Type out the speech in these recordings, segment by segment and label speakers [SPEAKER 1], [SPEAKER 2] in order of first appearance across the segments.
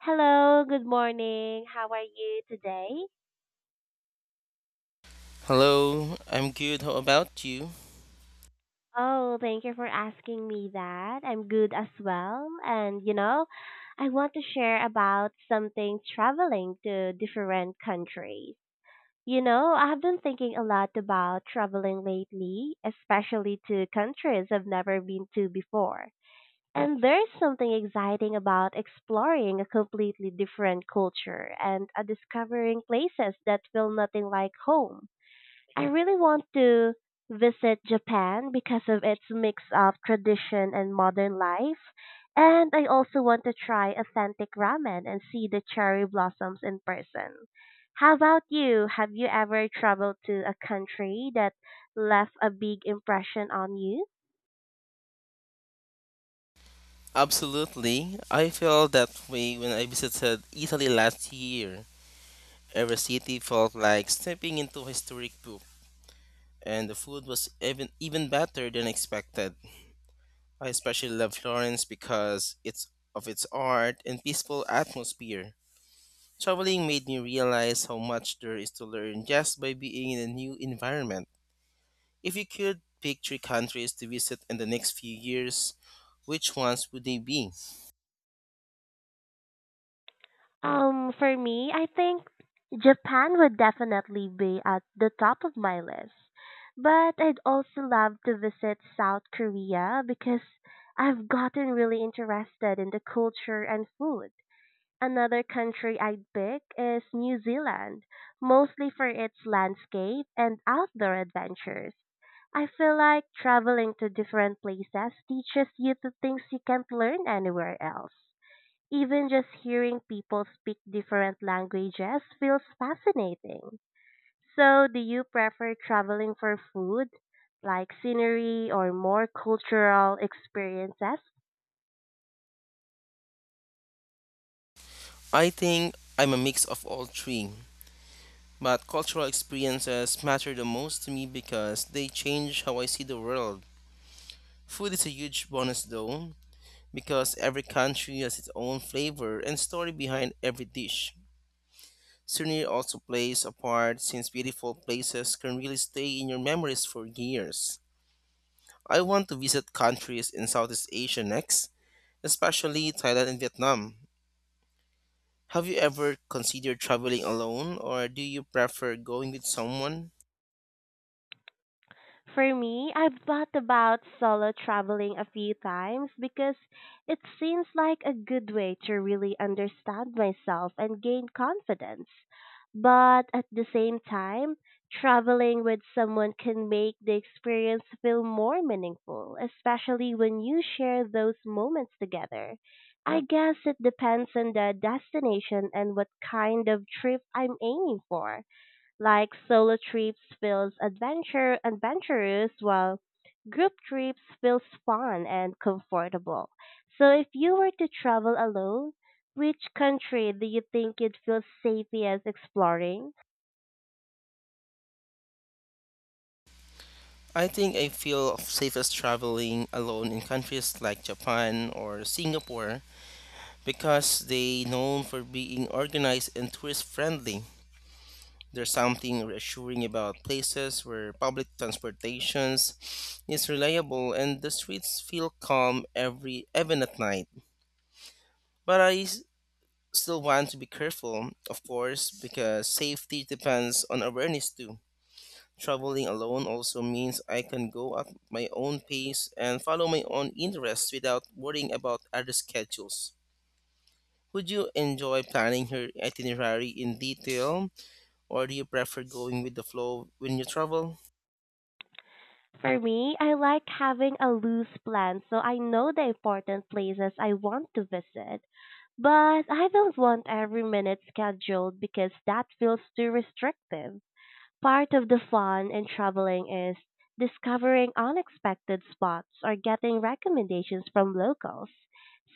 [SPEAKER 1] Hello, good morning. How are you today?
[SPEAKER 2] Hello, I'm good. How about you?
[SPEAKER 1] Oh, thank you for asking me that. I'm good as well. And I want to share about something traveling to different countries. I have been thinking a lot about traveling lately, especially to countries I've never been to before. And there's something exciting about exploring a completely different culture and discovering places that feel nothing like home. I really want to visit Japan because of its mix of tradition and modern life. And I also want to try authentic ramen and see the cherry blossoms in person. How about you? Have you ever traveled to a country that left a big impression on you?
[SPEAKER 2] Absolutely. I felt that way when I visited Italy last year. Every city felt like stepping into a historic book, and the food was even better than expected. I especially love Florence because it's of its art and peaceful atmosphere. Traveling made me realize how much there is to learn just by being in a new environment. If you could pick three countries to visit in the next few years, which ones would they be?
[SPEAKER 1] For me, I think Japan would definitely be at the top of my list. But I'd also love to visit South Korea because I've gotten really interested in the culture and food. Another country I'd pick is New Zealand, mostly for its landscape and outdoor adventures. I feel like traveling to different places teaches you the things you can't learn anywhere else. Even just hearing people speak different languages feels fascinating. So, do you prefer traveling for food, like scenery or more cultural experiences?
[SPEAKER 2] I think I'm a mix of all three, but cultural experiences matter the most to me because they change how I see the world. Food is a huge bonus though, because every country has its own flavor and story behind every dish. Scenery also plays a part since beautiful places can really stay in your memories for years. I want to visit countries in Southeast Asia next, especially Thailand and Vietnam. Have you ever considered traveling alone or do you prefer going with someone?
[SPEAKER 1] For me, I've thought about solo traveling a few times because it seems like a good way to really understand myself and gain confidence. But at the same time, traveling with someone can make the experience feel more meaningful, especially when you share those moments together. I guess it depends on the destination and what kind of trip I'm aiming for. Like solo trips feels adventure adventurous while group trips feels fun and comfortable. So if you were to travel alone, which country do you think you'd feel safest exploring?
[SPEAKER 2] I think I feel safest traveling alone in countries like Japan or Singapore because they known for being organized and tourist friendly. There's something reassuring about places where public transportations is reliable and the streets feel calm every even at night. But I s- Still want to be careful, of course, because safety depends on awareness too. Traveling alone also means I can go at my own pace and follow my own interests without worrying about other schedules. Would you enjoy planning your itinerary in detail, or do you prefer going with the flow when you travel?
[SPEAKER 1] For me, I like having a loose plan so I know the important places I want to visit. But I don't want every minute scheduled because that feels too restrictive. Part of the fun in traveling is discovering unexpected spots or getting recommendations from locals.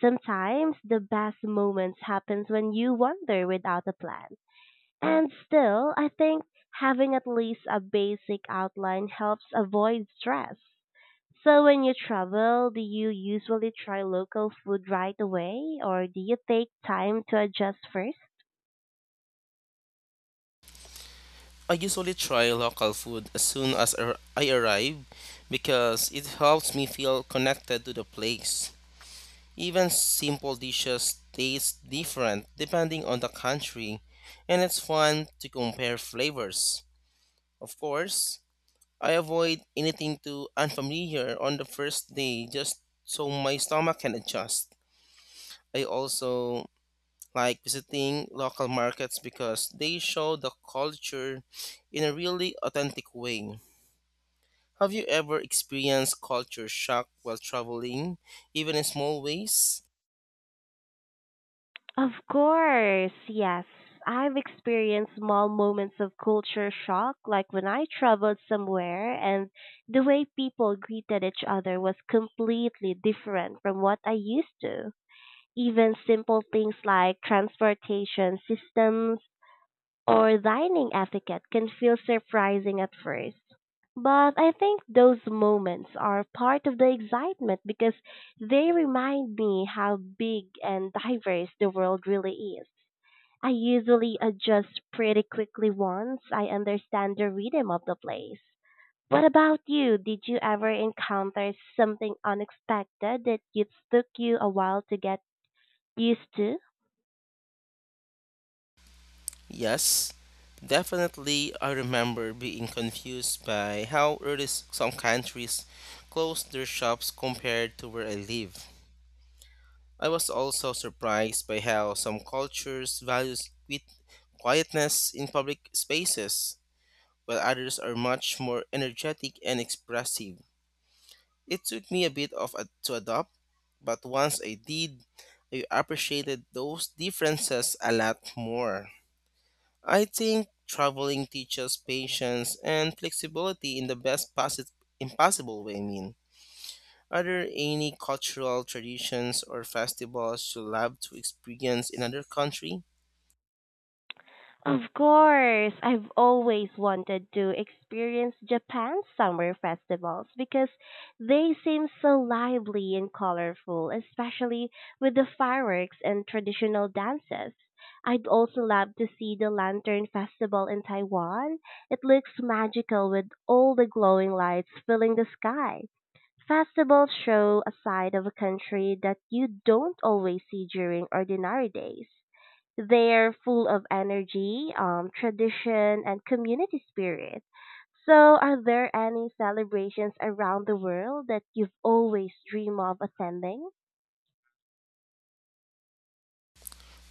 [SPEAKER 1] Sometimes the best moments happens when you wander without a plan. And still, I think having at least a basic outline helps avoid stress. So when you travel, do you usually try local food right away or do you take time to adjust first?
[SPEAKER 2] I usually try local food as soon as I arrive because it helps me feel connected to the place. Even simple dishes taste different depending on the country, and it's fun to compare flavors. Of course, I avoid anything too unfamiliar on the first day just so my stomach can adjust. I also like visiting local markets because they show the culture in a really authentic way. Have you ever experienced culture shock while traveling, even in small ways?
[SPEAKER 1] Of course, yes. I've experienced small moments of culture shock, like when I traveled somewhere and the way people greeted each other was completely different from what I used to. Even simple things like transportation systems or dining etiquette can feel surprising at first. But I think those moments are part of the excitement because they remind me how big and diverse the world really is. I usually adjust pretty quickly once I understand the rhythm of the place. What about you? Did you ever encounter something unexpected that it took you a while to get used to?
[SPEAKER 2] Yes, definitely. I remember being confused by how some countries close their shops compared to where I live. I was also surprised by how some cultures value quietness in public spaces, while others are much more energetic and expressive. It took me a bit of to adopt, but once I did, I appreciated those differences a lot more. I think traveling teaches patience and flexibility in the impossible way. I mean. Are there any cultural traditions or festivals you love to experience in another country?
[SPEAKER 1] Of course, I've always wanted to experience Japan's summer festivals because they seem so lively and colorful, especially with the fireworks and traditional dances. I'd also love to see the Lantern Festival in Taiwan. It looks magical with all the glowing lights filling the sky. Festivals show a side of a country that you don't always see during ordinary days. They're full of energy, tradition, and community spirit. So, are there any celebrations around the world that you've always dreamed of attending?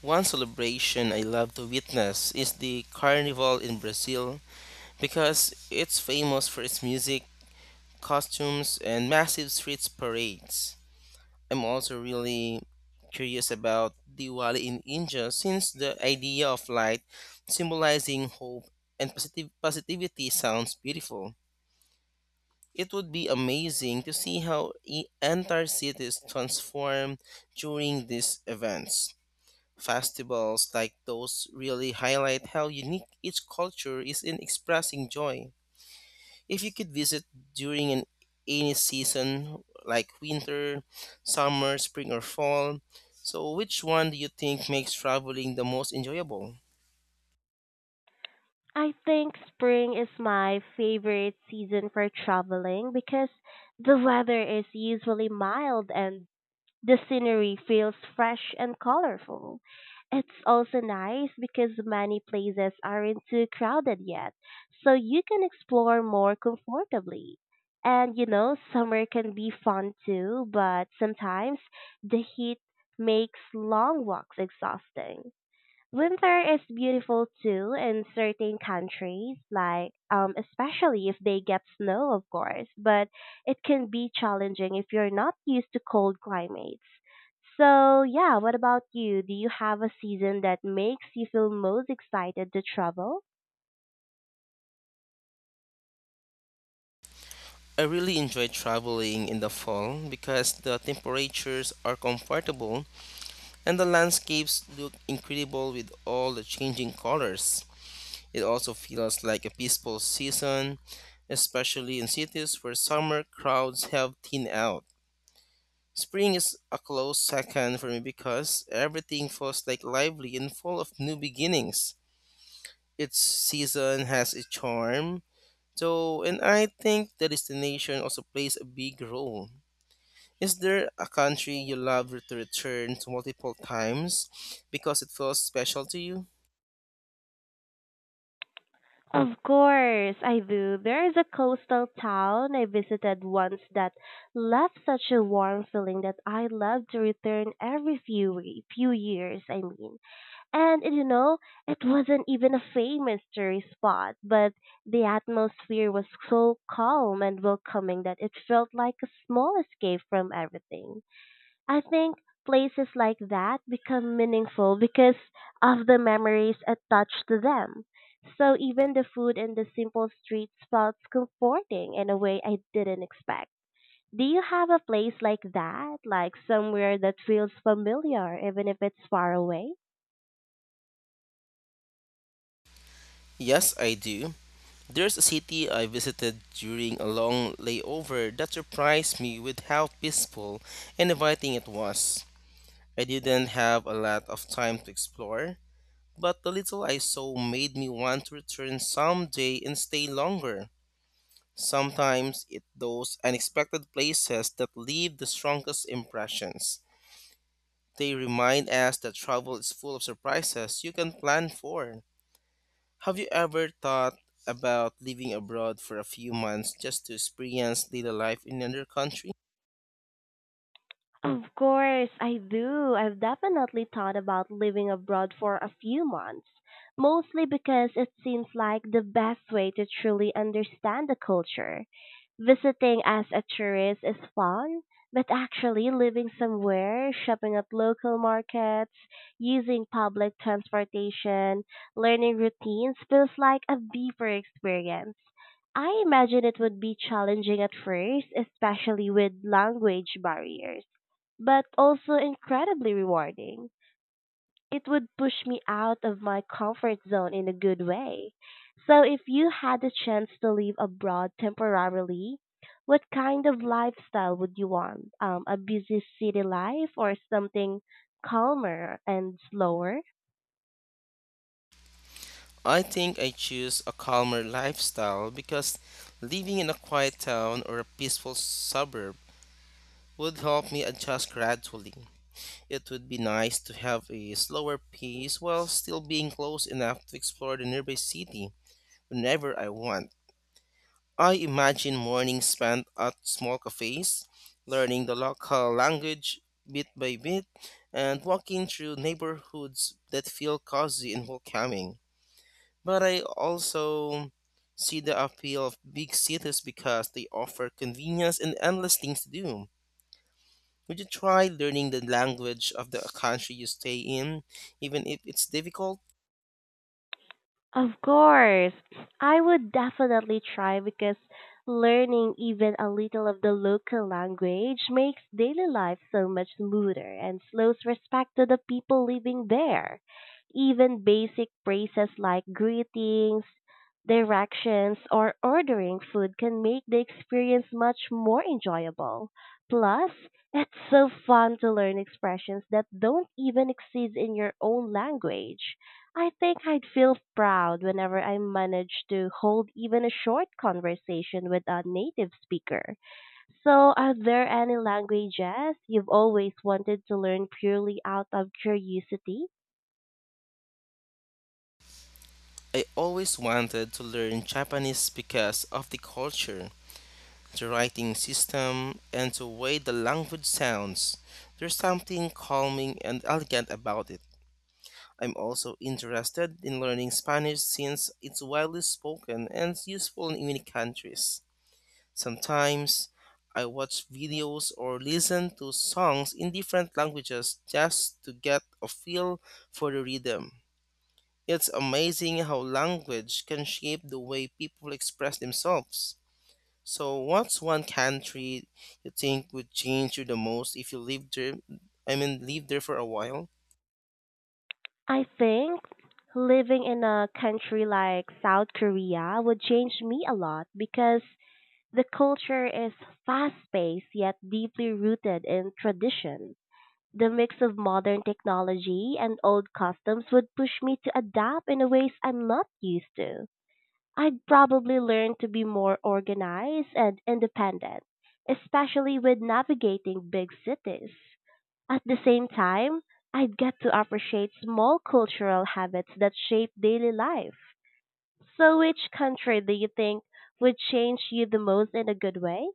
[SPEAKER 2] One celebration I love to witness is the Carnival in Brazil because it's famous for its music, costumes, and massive street parades. I'm also really curious about Diwali in India since the idea of light symbolizing hope and positive positivity sounds beautiful. It would be amazing to see how entire cities transform during these events. Festivals like those really highlight how unique each culture is in expressing joy. If you could visit during an any season like winter, summer, spring or fall, so which one do you think makes traveling the most enjoyable?
[SPEAKER 1] I think spring is my favorite season for traveling because the weather is usually mild and the scenery feels fresh and colorful. It's also nice because many places aren't too crowded yet, so you can explore more comfortably. And summer can be fun too, but sometimes the heat makes long walks exhausting. Winter is beautiful too in certain countries, like especially if they get snow, of course, but it can be challenging if you're not used to cold climates. So, yeah, what about you? Do you have a season that makes you feel most excited to travel?
[SPEAKER 2] I really enjoy traveling in the fall because the temperatures are comfortable and the landscapes look incredible with all the changing colors. It also feels like a peaceful season, especially in cities where summer crowds have thinned out. Spring is a close second for me because everything feels like lively and full of new beginnings. Each season has its charm, so and I think the destination also plays a big role. Is there a country you love to return to multiple times because it feels special to you?
[SPEAKER 1] Of course, I do. There is a coastal town I visited once that left such a warm feeling that I love to return every few years, I mean. And it wasn't even a famous tourist spot, but the atmosphere was so calm and welcoming that it felt like a small escape from everything. I think places like that become meaningful because of the memories attached to them. So even the food in the simple streets felt comforting in a way I didn't expect. Do you have a place like that? Like somewhere that feels familiar even if it's far away?
[SPEAKER 2] Yes, I do. There's a city I visited during a long layover that surprised me with how peaceful and inviting it was. I didn't have a lot of time to explore, but the little I saw made me want to return someday and stay longer. Sometimes it's those unexpected places that leave the strongest impressions. They remind us that travel is full of surprises you can plan for. Have you ever thought about living abroad for a few months just to experience little life in another country?
[SPEAKER 1] Of course, I do. I've definitely thought about living abroad for a few months, mostly because it seems like the best way to truly understand the culture. Visiting as a tourist is fun, but actually living somewhere, shopping at local markets, using public transportation, learning routines feels like a deeper experience. I imagine it would be challenging at first, especially with language barriers but also incredibly rewarding. It would push me out of my comfort zone in a good way. So, if you had the chance to live abroad temporarily, what kind of lifestyle would you want? A busy city life or something calmer and slower?
[SPEAKER 2] I think I choose a calmer lifestyle because living in a quiet town or a peaceful suburb would help me adjust gradually. It would be nice to have a slower pace while still being close enough to explore the nearby city whenever I want. I imagine mornings spent at small cafes, learning the local language bit by bit, and walking through neighborhoods that feel cozy and welcoming. But I also see the appeal of big cities because they offer convenience and endless things to do. Would you try learning the language of the country you stay in, even if it's difficult?
[SPEAKER 1] Of course, I would definitely try because learning even a little of the local language makes daily life so much smoother and shows respect to the people living there. Even basic phrases like greetings, directions, or ordering food can make the experience much more enjoyable. Plus, it's so fun to learn expressions that don't even exist in your own language. I think I'd feel proud whenever I manage to hold even a short conversation with a native speaker. So, are there any languages you've always wanted to learn purely out of curiosity?
[SPEAKER 2] I always wanted to learn Japanese because of the culture the writing system, and the way the language sounds. There's something calming and elegant about it. I'm also interested in learning Spanish since it's widely spoken and useful in many countries. Sometimes I watch videos or listen to songs in different languages just to get a feel for the rhythm. It's amazing how language can shape the way people express themselves. So, what's one country you think would change you the most if you lived there? I mean, lived there for a while?
[SPEAKER 1] I think living in a country like South Korea would change me a lot because the culture is fast paced yet deeply rooted in tradition. The mix of modern technology and old customs would push me to adapt in ways I'm not used to. I'd probably learn to be more organized and independent, especially with navigating big cities. At the same time, I'd get to appreciate small cultural habits that shape daily life. So, which country do you think would change you the most in a good way?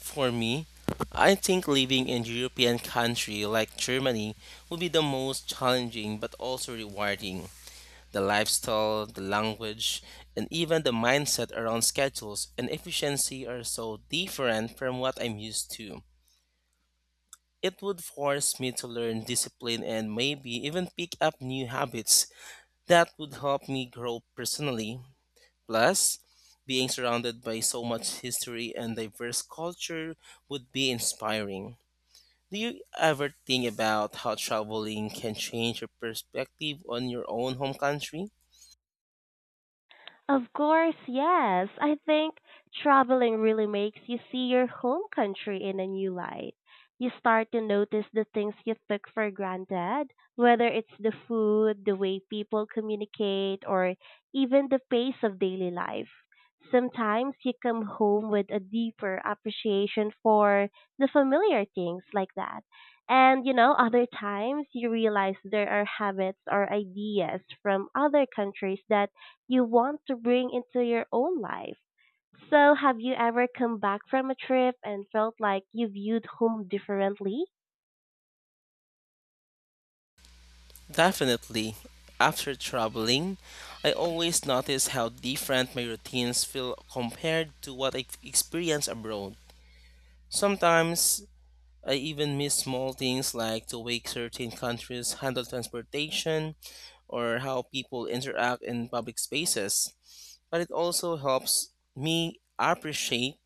[SPEAKER 2] For me, I think living in European country like Germany would be the most challenging but also rewarding. The lifestyle, the language, and even the mindset around schedules and efficiency are so different from what I'm used to. It would force me to learn discipline and maybe even pick up new habits that would help me grow personally. Plus, being surrounded by so much history and diverse culture would be inspiring. Do you ever think about how traveling can change your perspective on your own home country?
[SPEAKER 1] Of course, yes. I think traveling really makes you see your home country in a new light. You start to notice the things you took for granted, whether it's the food, the way people communicate, or even the pace of daily life. Sometimes you come home with a deeper appreciation for the familiar things like that. And other times you realize there are habits or ideas from other countries that you want to bring into your own life. So, have you ever come back from a trip and felt like you viewed home differently?
[SPEAKER 2] Definitely. After traveling, I always notice how different my routines feel compared to what I experience abroad. Sometimes I even miss small things like the way certain countries handle transportation or how people interact in public spaces. But it also helps me appreciate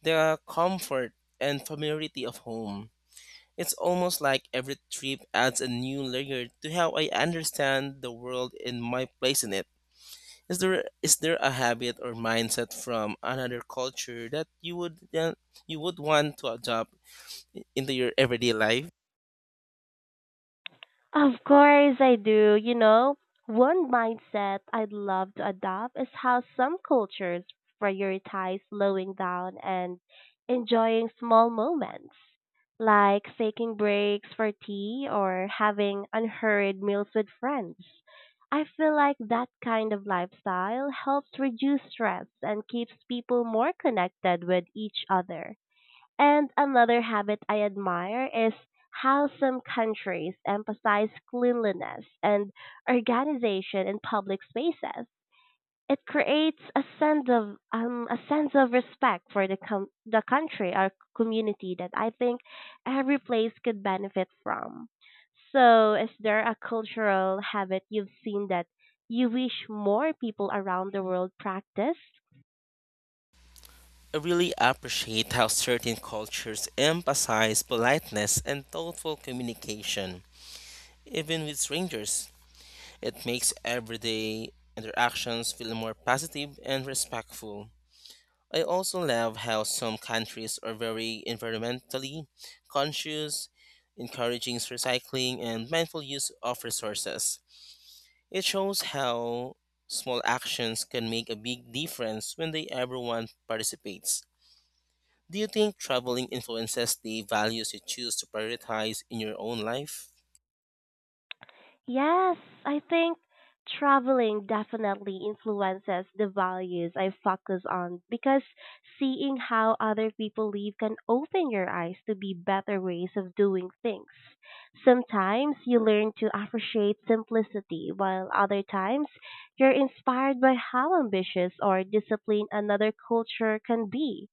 [SPEAKER 2] the comfort and familiarity of home. It's almost like every trip adds a new layer to how I understand the world and my place in it. Is there a habit or mindset from another culture that you would want to adopt into your everyday life?
[SPEAKER 1] Of course I do. One mindset I'd love to adopt is how some cultures prioritize slowing down and enjoying small moments, like taking breaks for tea or having unhurried meals with friends. I feel like that kind of lifestyle helps reduce stress and keeps people more connected with each other. And another habit I admire is how some countries emphasize cleanliness and organization in public spaces. It creates a sense of a sense of respect for the the country or community that I think every place could benefit from. So, is there a cultural habit you've seen that you wish more people around the world practice?
[SPEAKER 2] I really appreciate how certain cultures emphasize politeness and thoughtful communication, even with strangers. It makes everyday interactions feel more positive and respectful. I also love how some countries are very environmentally conscious, encouraging recycling and mindful use of resources. It shows how small actions can make a big difference when they everyone participates. Do you think traveling influences the values you choose to prioritize in your own life?
[SPEAKER 1] Yes, I think traveling definitely influences the values I focus on because seeing how other people live can open your eyes to be better ways of doing things. Sometimes you learn to appreciate simplicity, while other times you're inspired by how ambitious or disciplined another culture can be.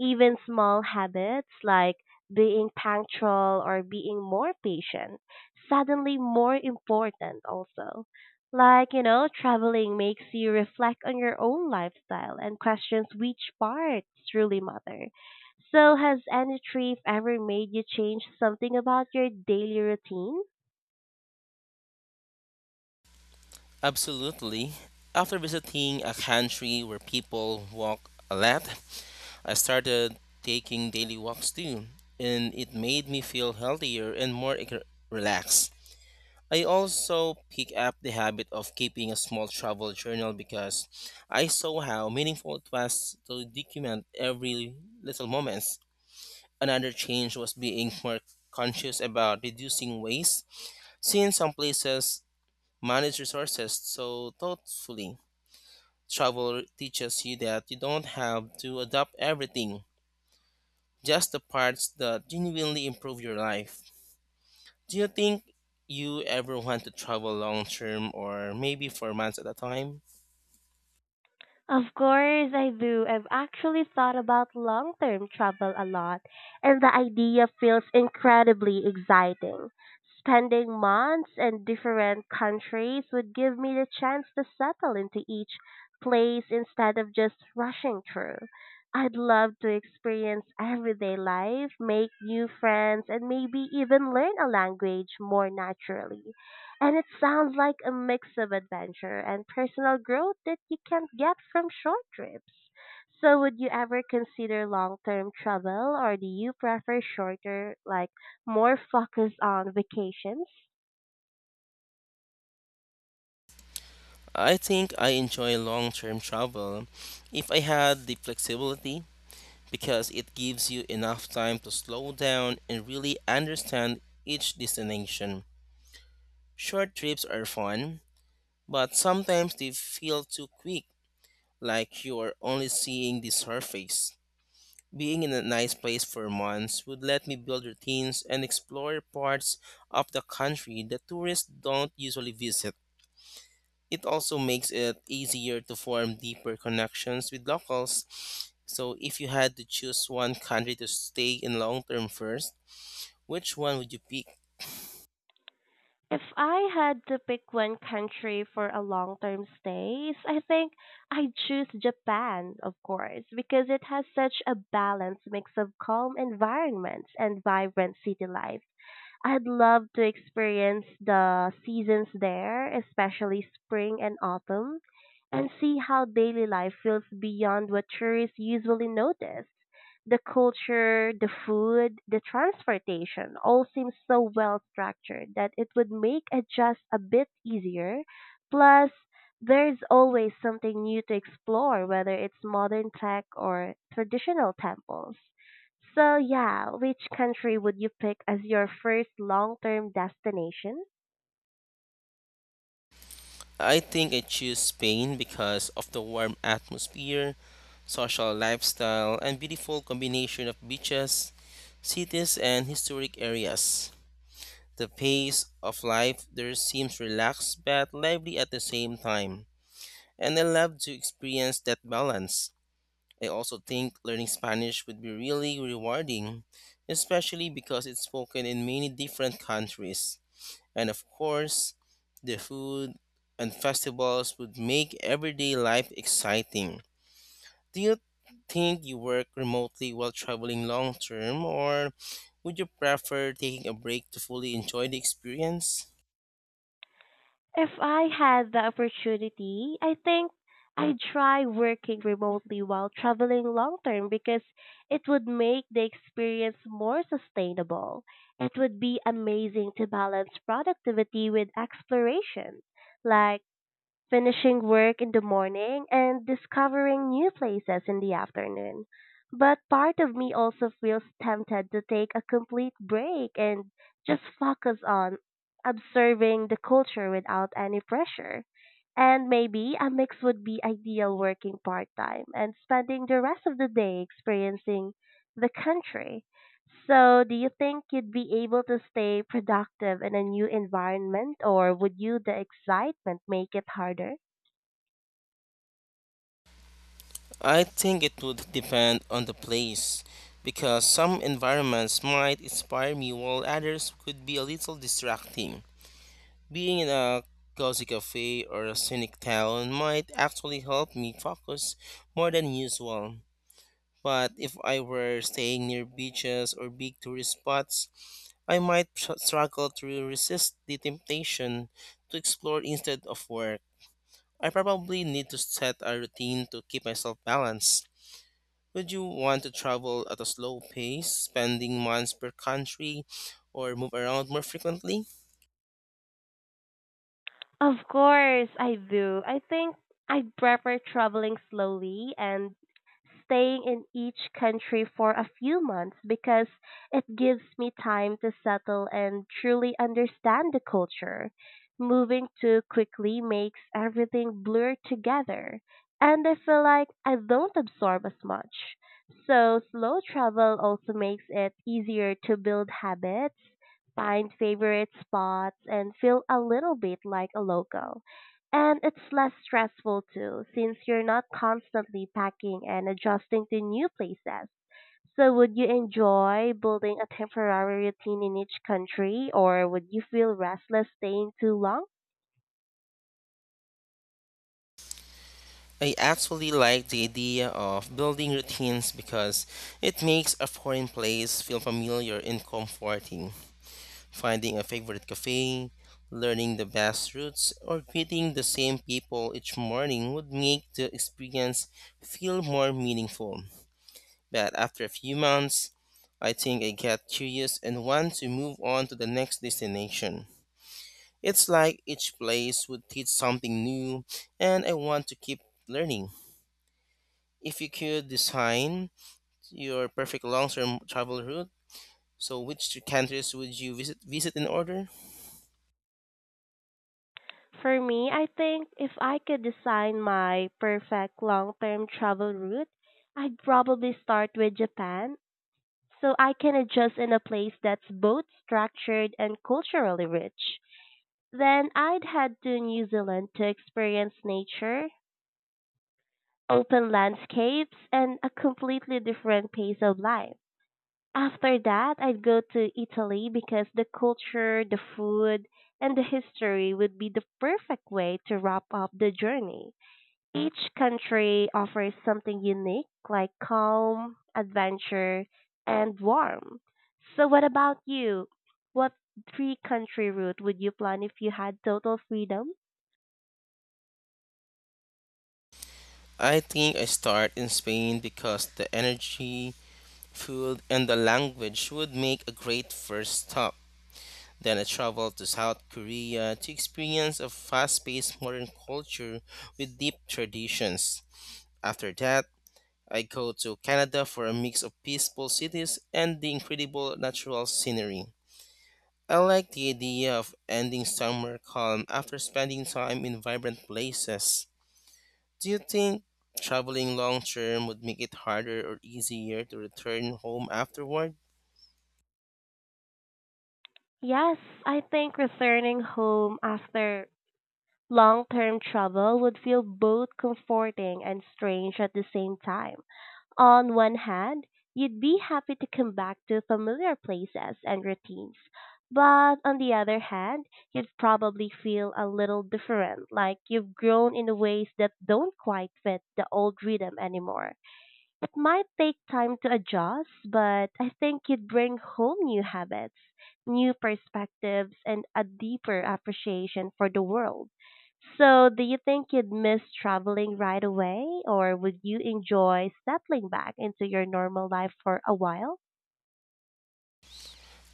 [SPEAKER 1] Even small habits like being punctual or being more patient suddenly more important also. Like, traveling makes you reflect on your own lifestyle and questions which parts truly matter. So has any trip ever made you change something about your daily routine?
[SPEAKER 2] Absolutely. After visiting a country where people walk a lot, I started taking daily walks too, and it made me feel healthier and relaxed. I also pick up the habit of keeping a small travel journal because I saw how meaningful it was to document every little moments. Another change was being more conscious about reducing waste, since some places manage resources so thoughtfully. Travel teaches you that you don't have to adopt everything, just the parts that genuinely improve your life. Do you think you ever want to travel long term or maybe for months at a time?
[SPEAKER 1] Of course I do. I've actually thought about long term travel a lot, and the idea feels incredibly exciting. Spending months in different countries would give me the chance to settle into each place instead of just rushing through. I'd love to experience everyday life, make new friends, and maybe even learn a language more naturally. And it sounds like a mix of adventure and personal growth that you can't get from short trips. So would you ever consider long-term travel or do you prefer shorter, like more focused on vacations?
[SPEAKER 2] I think I enjoy long term travel if I had the flexibility because it gives you enough time to slow down and really understand each destination. Short trips are fun, but sometimes they feel too quick, like you're only seeing the surface. Being in a nice place for months would let me build routines and explore parts of the country that tourists don't usually visit. It also makes it easier to form deeper connections with locals. So, if you had to choose one country to stay in long term first, which one would you pick?
[SPEAKER 1] If I had to pick one country for a long-term stays, I think I'd choose Japan, of course, because it has such a balanced mix of calm environments and vibrant city life. I'd love to experience the seasons there, especially spring and autumn, and see how daily life feels beyond what tourists usually notice. The culture, the food, the transportation all seems so well structured that it would make adjust a bit easier. Plus, there's always something new to explore, whether it's modern tech or traditional temples. So, yeah, which country would you pick as your first long term destination?
[SPEAKER 2] I think I choose Spain because of the warm atmosphere, social lifestyle, and beautiful combination of beaches, cities, and historic areas. The pace of life there seems relaxed but lively at the same time, and I love to experience that balance. I also think learning Spanish would be really rewarding, especially because it's spoken in many different countries. And of course, the food and festivals would make everyday life exciting. Do you think you work remotely while traveling long term, or would you prefer taking a break to fully enjoy the experience?
[SPEAKER 1] If I had the opportunity, I think I'd try working remotely while traveling long term because it would make the experience more sustainable. It would be amazing to balance productivity with exploration. Like, finishing work in the morning and discovering new places in the afternoon. But part of me also feels tempted to take a complete break and just focus on observing the culture without any pressure. And maybe a mix would be ideal working part time and spending the rest of the day experiencing the country. So, do you think you'd be able to stay productive in a new environment, or would you the excitement make it harder?
[SPEAKER 2] I think it would depend on the place because some environments might inspire me while others could be a little distracting. Being in a cozy cafe or a scenic town might actually help me focus more than usual. But if I were staying near beaches or big tourist spots, I might struggle to resist the temptation to explore instead of work. I probably need to set a routine to keep myself balanced. Would you want to travel at a slow pace, spending months per country, or move around more frequently?
[SPEAKER 1] Of course, I do. I think I prefer traveling slowly and staying in each country for a few months because it gives me time to settle and truly understand the culture. Moving too quickly makes everything blur together, and I feel like I don't absorb as much. So, slow travel also makes it easier to build habits find favorite spots, and feel a little bit like a local. And it's less stressful too, since you're not constantly packing and adjusting to new places. So, would you enjoy building a temporary routine in each country, or would you feel restless staying too long?
[SPEAKER 2] I actually like the idea of building routines because it makes a foreign place feel familiar and comforting. Finding a favorite cafe, learning the best routes, or greeting the same people each morning would make the experience feel more meaningful. But after a few months, I think I get curious and want to move on to the next destination. It's like each place would teach something new, and I want to keep learning. If you could design your perfect long-term travel route, so which two countries would you visit in order?
[SPEAKER 1] For me, I think if I could design my perfect long term travel route, I'd probably start with Japan so I can adjust in a place that's both structured and culturally rich. Then I'd head to New Zealand to experience nature, open landscapes, and a completely different pace of life. After that, I'd go to Italy because the culture, the food, and the history would be the perfect way to wrap up the journey. Each country offers something unique, like calm, adventure, and warm. So, what about you? What three country route would you plan if you had total freedom?
[SPEAKER 2] I think I start in Spain because the energy, food, and the language would make a great first stop. Then I travel to South Korea to experience a fast paced modern culture with deep traditions. After that, I go to Canada for a mix of peaceful cities and the incredible natural scenery. I like the idea of ending somewhere calm after spending time in vibrant places. Do you think traveling long term would make it harder or easier to return home afterward?
[SPEAKER 1] Yes, I think returning home after long term travel would feel both comforting and strange at the same time. On one hand, you'd be happy to come back to familiar places and routines, but on the other hand, you'd probably feel a little different, like you've grown in ways that don't quite fit the old rhythm anymore. It might take time to adjust, but I think you'd bring home new habits, new perspectives, and a deeper appreciation for the world. So, do you think you'd miss traveling right away, or would you enjoy settling back into your normal life for a while?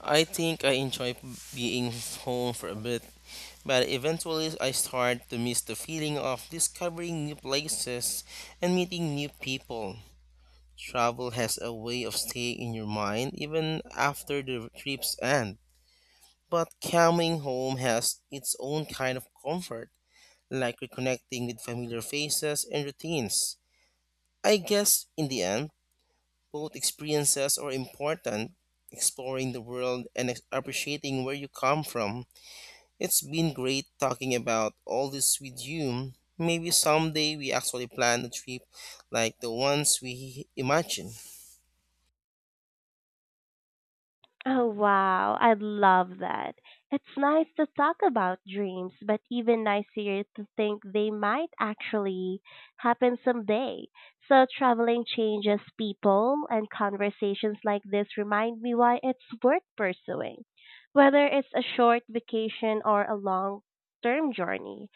[SPEAKER 2] I think I enjoy being home for a bit, but eventually I start to miss the feeling of discovering new places and meeting new people. Travel has a way of staying in your mind even after the trips end. But coming home has its own kind of comfort, like reconnecting with familiar faces and routines. I guess in the end, both experiences are important. Exploring the world and appreciating where you come from. It's been great talking about all this with you. Maybe someday we actually plan a trip like the ones we imagine.
[SPEAKER 1] Oh wow, I love that. It's nice to talk about dreams, but even nicer to think they might actually happen someday. So traveling changes people and conversations like this remind me why it's worth pursuing. Whether it's a short vacation or a long-term journey.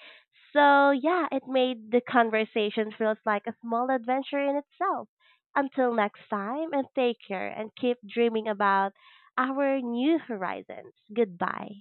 [SPEAKER 1] So yeah, it made the conversation feels like a small adventure in itself. Until next time, and take care and keep dreaming about our new horizons. Goodbye.